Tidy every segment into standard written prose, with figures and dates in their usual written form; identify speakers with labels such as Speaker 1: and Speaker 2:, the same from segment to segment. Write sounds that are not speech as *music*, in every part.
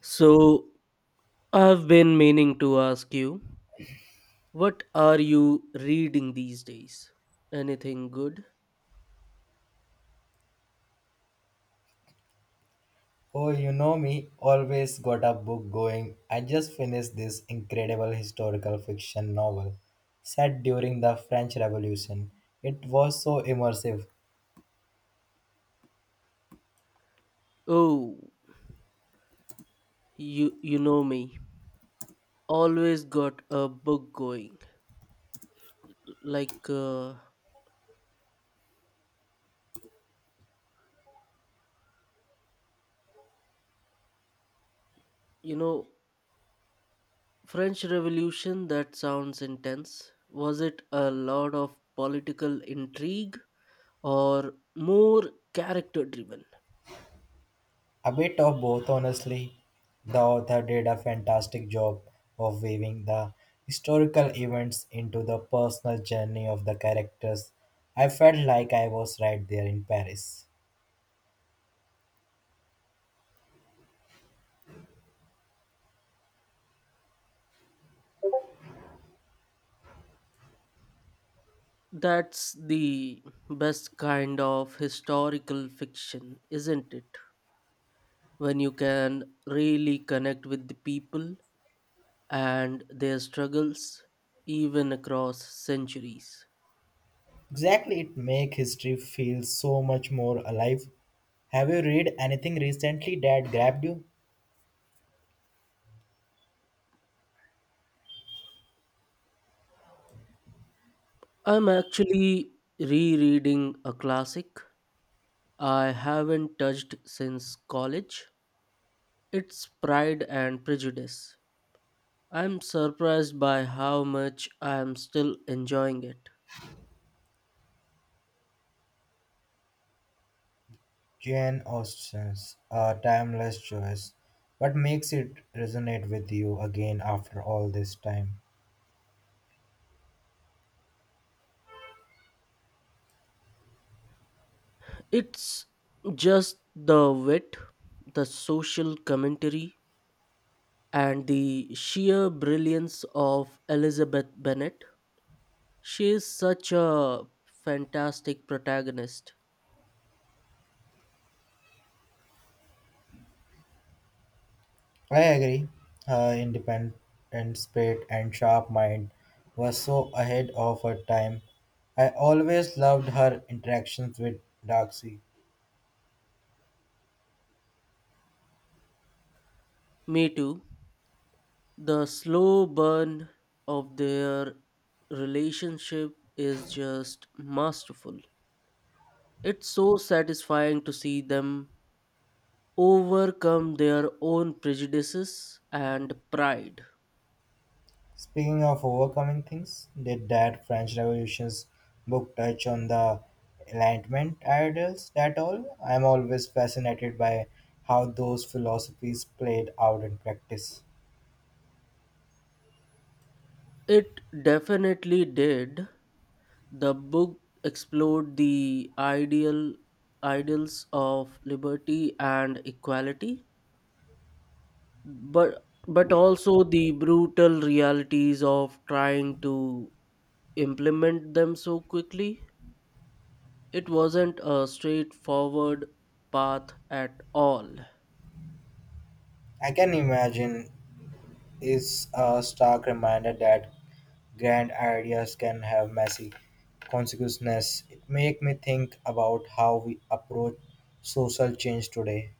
Speaker 1: So, I've been meaning to ask you, what are you reading these days? Anything good?
Speaker 2: Oh, you know me, always got a book going. I just finished this incredible historical fiction novel set during the French Revolution. It was so immersive.
Speaker 1: Oh, you know me. Always got a book going. Like uh, you know, French Revolution, that sounds intense. Was it a lot of political intrigue, or more character driven?
Speaker 2: A bit of both, honestly. The author did a fantastic job of weaving the historical events into the personal journey of the characters. I felt like I was right there in Paris.
Speaker 1: That's the best kind of historical fiction, isn't it? When you can really connect with the people and their struggles, even across centuries.
Speaker 2: Exactly, it make history feel so much more alive. Have you read anything recently that grabbed you?
Speaker 1: I'm actually rereading a classic I haven't touched since college. It's Pride and Prejudice. I'm surprised by how much I'm still enjoying it.
Speaker 2: Jane Austen's A Timeless Choice. What makes it resonate with you again after all this time?
Speaker 1: It's just the wit, the social commentary, and the sheer brilliance of Elizabeth Bennet. She is such a fantastic protagonist.
Speaker 2: I agree. Her independent spirit and sharp mind was so ahead of her time. I always loved her interactions with Darcy.
Speaker 1: Me too. The slow burn of their relationship is just masterful. It's so satisfying to see them overcome their own prejudices and pride.
Speaker 2: Speaking of overcoming things, did that French Revolution's book touch on the Enlightenment ideals at all? I'm always fascinated by how those philosophies played out in practice.
Speaker 1: It definitely did. The book explored the ideals of liberty and equality, but also the brutal realities of trying to implement them so quickly. It wasn't a straightforward path at all.
Speaker 2: I can imagine is a stark reminder that grand ideas can have messy consequences. It make me think about how we approach social change today.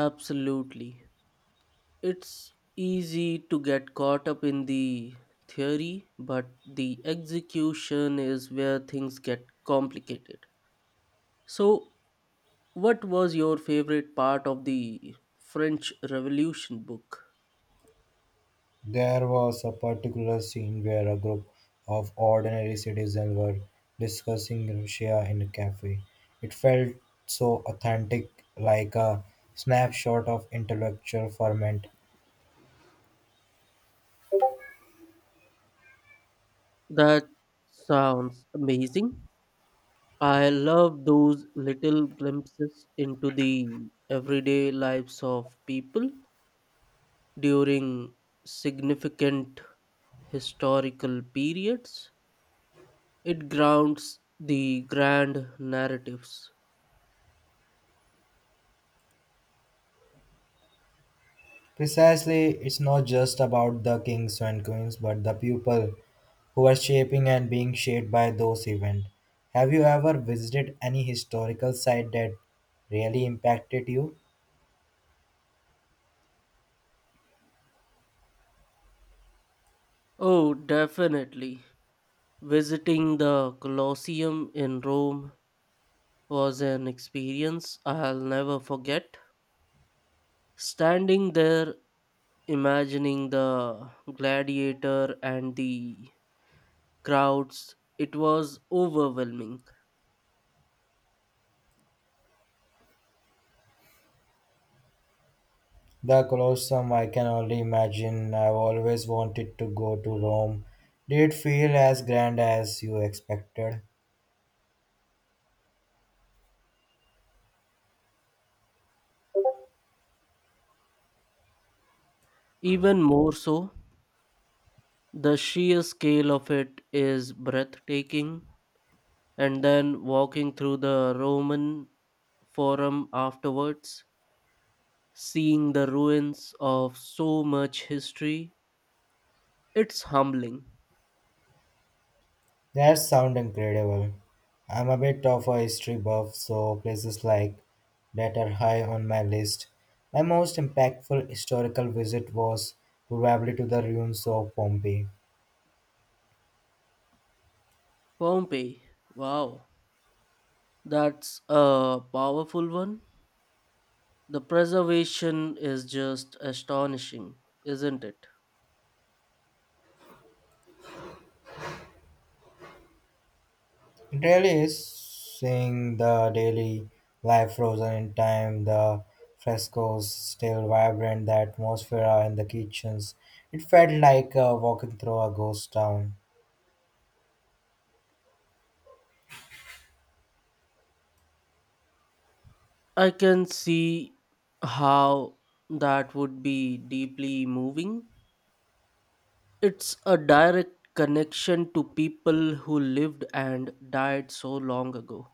Speaker 1: Absolutely. It's easy to get caught up in the theory, but the execution is where things get complicated. So, what was your favorite part of the French Revolution book?
Speaker 2: There was a particular scene where a group of ordinary citizens were discussing Russia in a cafe. It felt so authentic, like a snapshot of intellectual ferment.
Speaker 1: That sounds amazing. I love those little glimpses into the everyday lives of people during significant historical periods. It grounds the grand narratives.
Speaker 2: Precisely, it's not just about the kings and queens, but the people who are shaping and being shaped by those events. Have you ever visited any historical site that really impacted you?
Speaker 1: Oh, definitely. Visiting the Colosseum in Rome was an experience I'll never forget. Standing there, imagining the gladiator and the crowds, it was overwhelming.
Speaker 2: The Colosseum, I can only imagine. I've always wanted to go to Rome. Did it feel as grand as you expected?
Speaker 1: Even more so, the sheer scale of it is breathtaking. And then walking through the Roman Forum afterwards, seeing the ruins of so much history, it's humbling.
Speaker 2: That sounds incredible. I'm a bit of a history buff, so places like that are high on my list. My most impactful historical visit was probably to the ruins of Pompeii.
Speaker 1: Pompeii, wow, that's a powerful one. The preservation is just astonishing, isn't it?
Speaker 2: It really is seeing the daily life frozen in time, the frescoes still vibrant, the atmosphere in the kitchens. It felt like walking through a ghost town.
Speaker 1: I can see how that would be deeply moving. It's a direct connection to people who lived and died so long ago.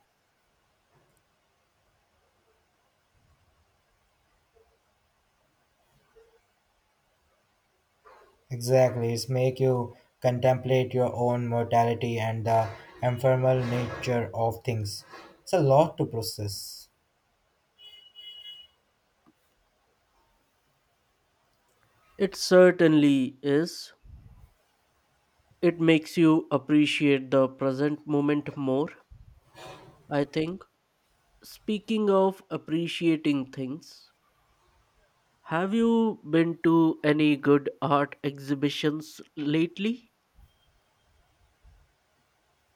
Speaker 2: Exactly, it's make you contemplate your own mortality and the ephemeral nature of things. It's a lot to process.
Speaker 1: It certainly is. It makes you appreciate the present moment more, I think. Speaking of appreciating things, have you been to any good art exhibitions lately?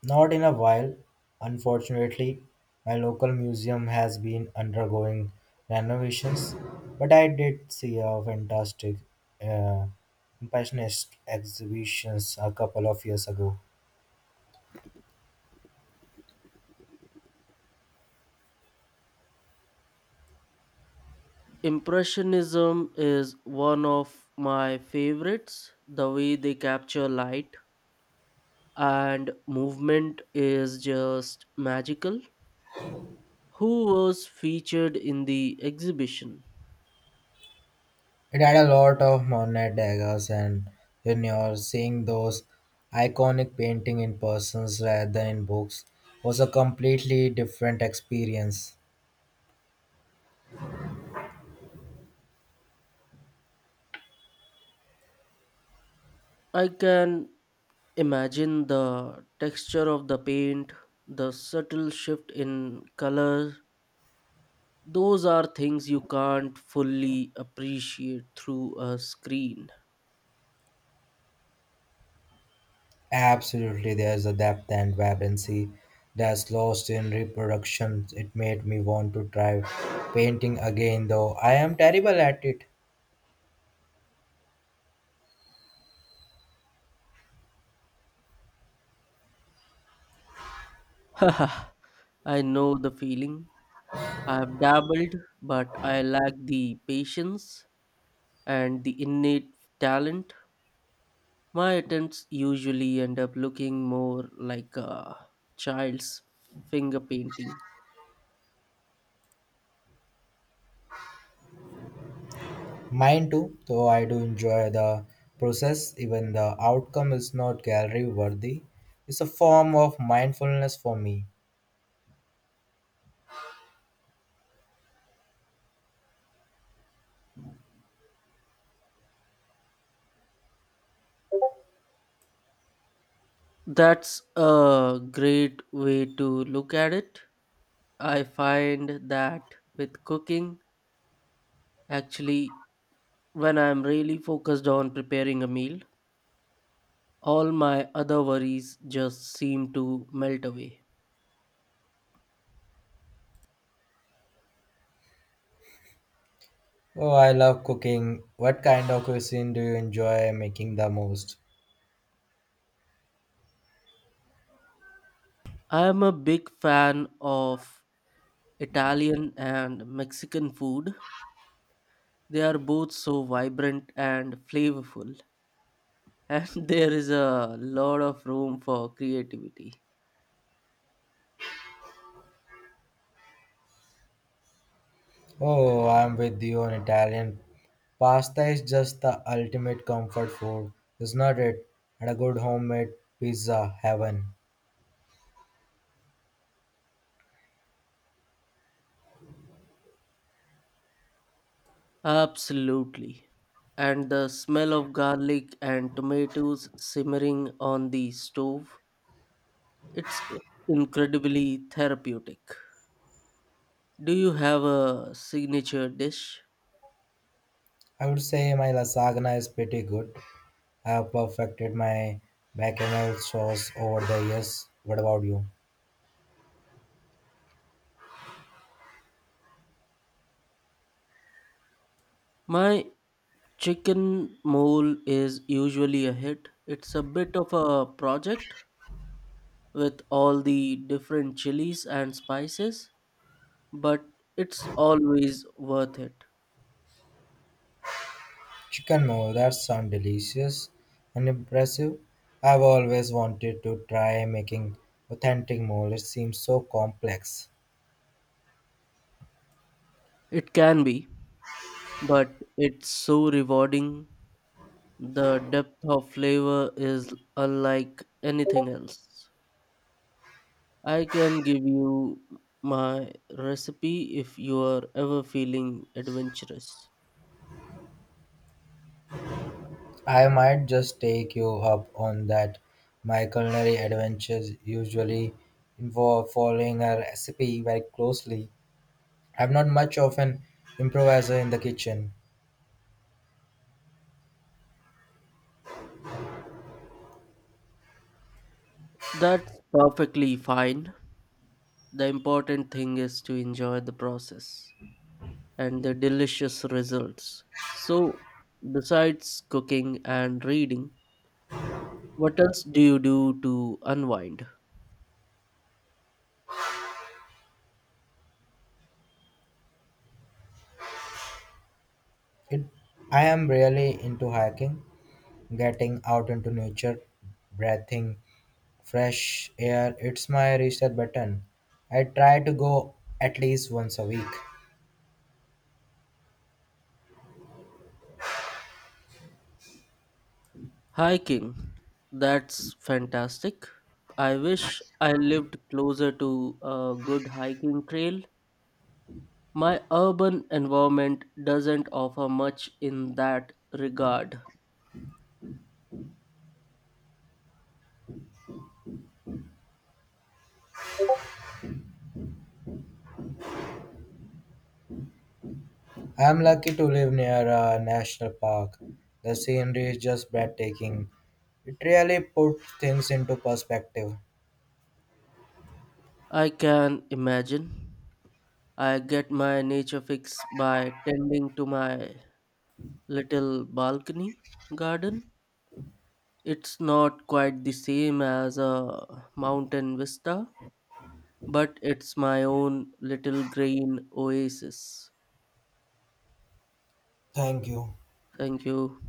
Speaker 2: Not in a while, unfortunately. My local museum has been undergoing renovations, but I did see a fantastic uh, impressionist exhibitions a couple of years ago.
Speaker 1: Impressionism is one of my favorites. The way they capture light and movement is just magical. Who was featured in the exhibition?
Speaker 2: It had a lot of Monet daggers, and when you're seeing those iconic painting in persons rather than in books, was a completely different experience.
Speaker 1: I can imagine the texture of the paint, the subtle shift in color. Those are things you can't fully appreciate through a screen.
Speaker 2: Absolutely, there's a depth and vibrancy that's lost in reproduction. It made me want to try painting again, though I am terrible at it.
Speaker 1: *laughs* Haha, I know the feeling. I've dabbled, but I lack the patience and the innate talent. My attempts usually end up looking more like a child's finger painting.
Speaker 2: Mine too, though I do enjoy the process, even the outcome is not gallery worthy. It's a form of mindfulness for me.
Speaker 1: That's a great way to look at it. I find that with cooking, actually, when I'm really focused on preparing a meal, all my other worries just seem to melt away.
Speaker 2: Oh, I love cooking. What kind of cuisine do you enjoy making the most?
Speaker 1: I am a big fan of Italian and Mexican food. They are both so vibrant and flavorful, and *laughs* there is a lot of room for creativity.
Speaker 2: Oh, I'm with you on Italian. Pasta is just the ultimate comfort food, is not it? And a good homemade pizza, heaven.
Speaker 1: Absolutely. And the smell of garlic and tomatoes simmering on the stove, it's i- incredibly therapeutic. Do you have a signature dish?
Speaker 2: I would say my lasagna is pretty good. I have perfected my bechamel sauce over the years. What about you?
Speaker 1: My chicken mole is usually a hit. It's a bit of a project, with all the different chilies and spices, but it's always worth it.
Speaker 2: Chicken mo, that sounds delicious and impressive. I've always wanted to try making authentic mole. It seems so complex.
Speaker 1: It can be, but it's so rewarding. The depth of flavor is unlike anything else. I can give you my recipe if you are ever feeling adventurous.
Speaker 2: I might just take you up on that. My culinary adventures usually involve following a recipe very closely. I'm not much of an improviser in the kitchen.
Speaker 1: That's perfectly fine. The important thing is to enjoy the process and the delicious results. So, besides cooking and reading, what else do you do to unwind?
Speaker 2: It, I am really into hiking, getting out into nature, breathing fresh air. It's my reset button. I try to go at least once a week.
Speaker 1: Hiking. That's fantastic. I wish I lived closer to a good hiking trail. My urban environment doesn't offer much in that regard.
Speaker 2: I'm lucky to live near a national park. The scenery is just breathtaking. It really puts things into perspective.
Speaker 1: I can imagine. I get my nature fix by tending to my little balcony garden. It's not quite the same as a mountain vista, but it's my own little green oasis.
Speaker 2: Thank you.
Speaker 1: Thank you.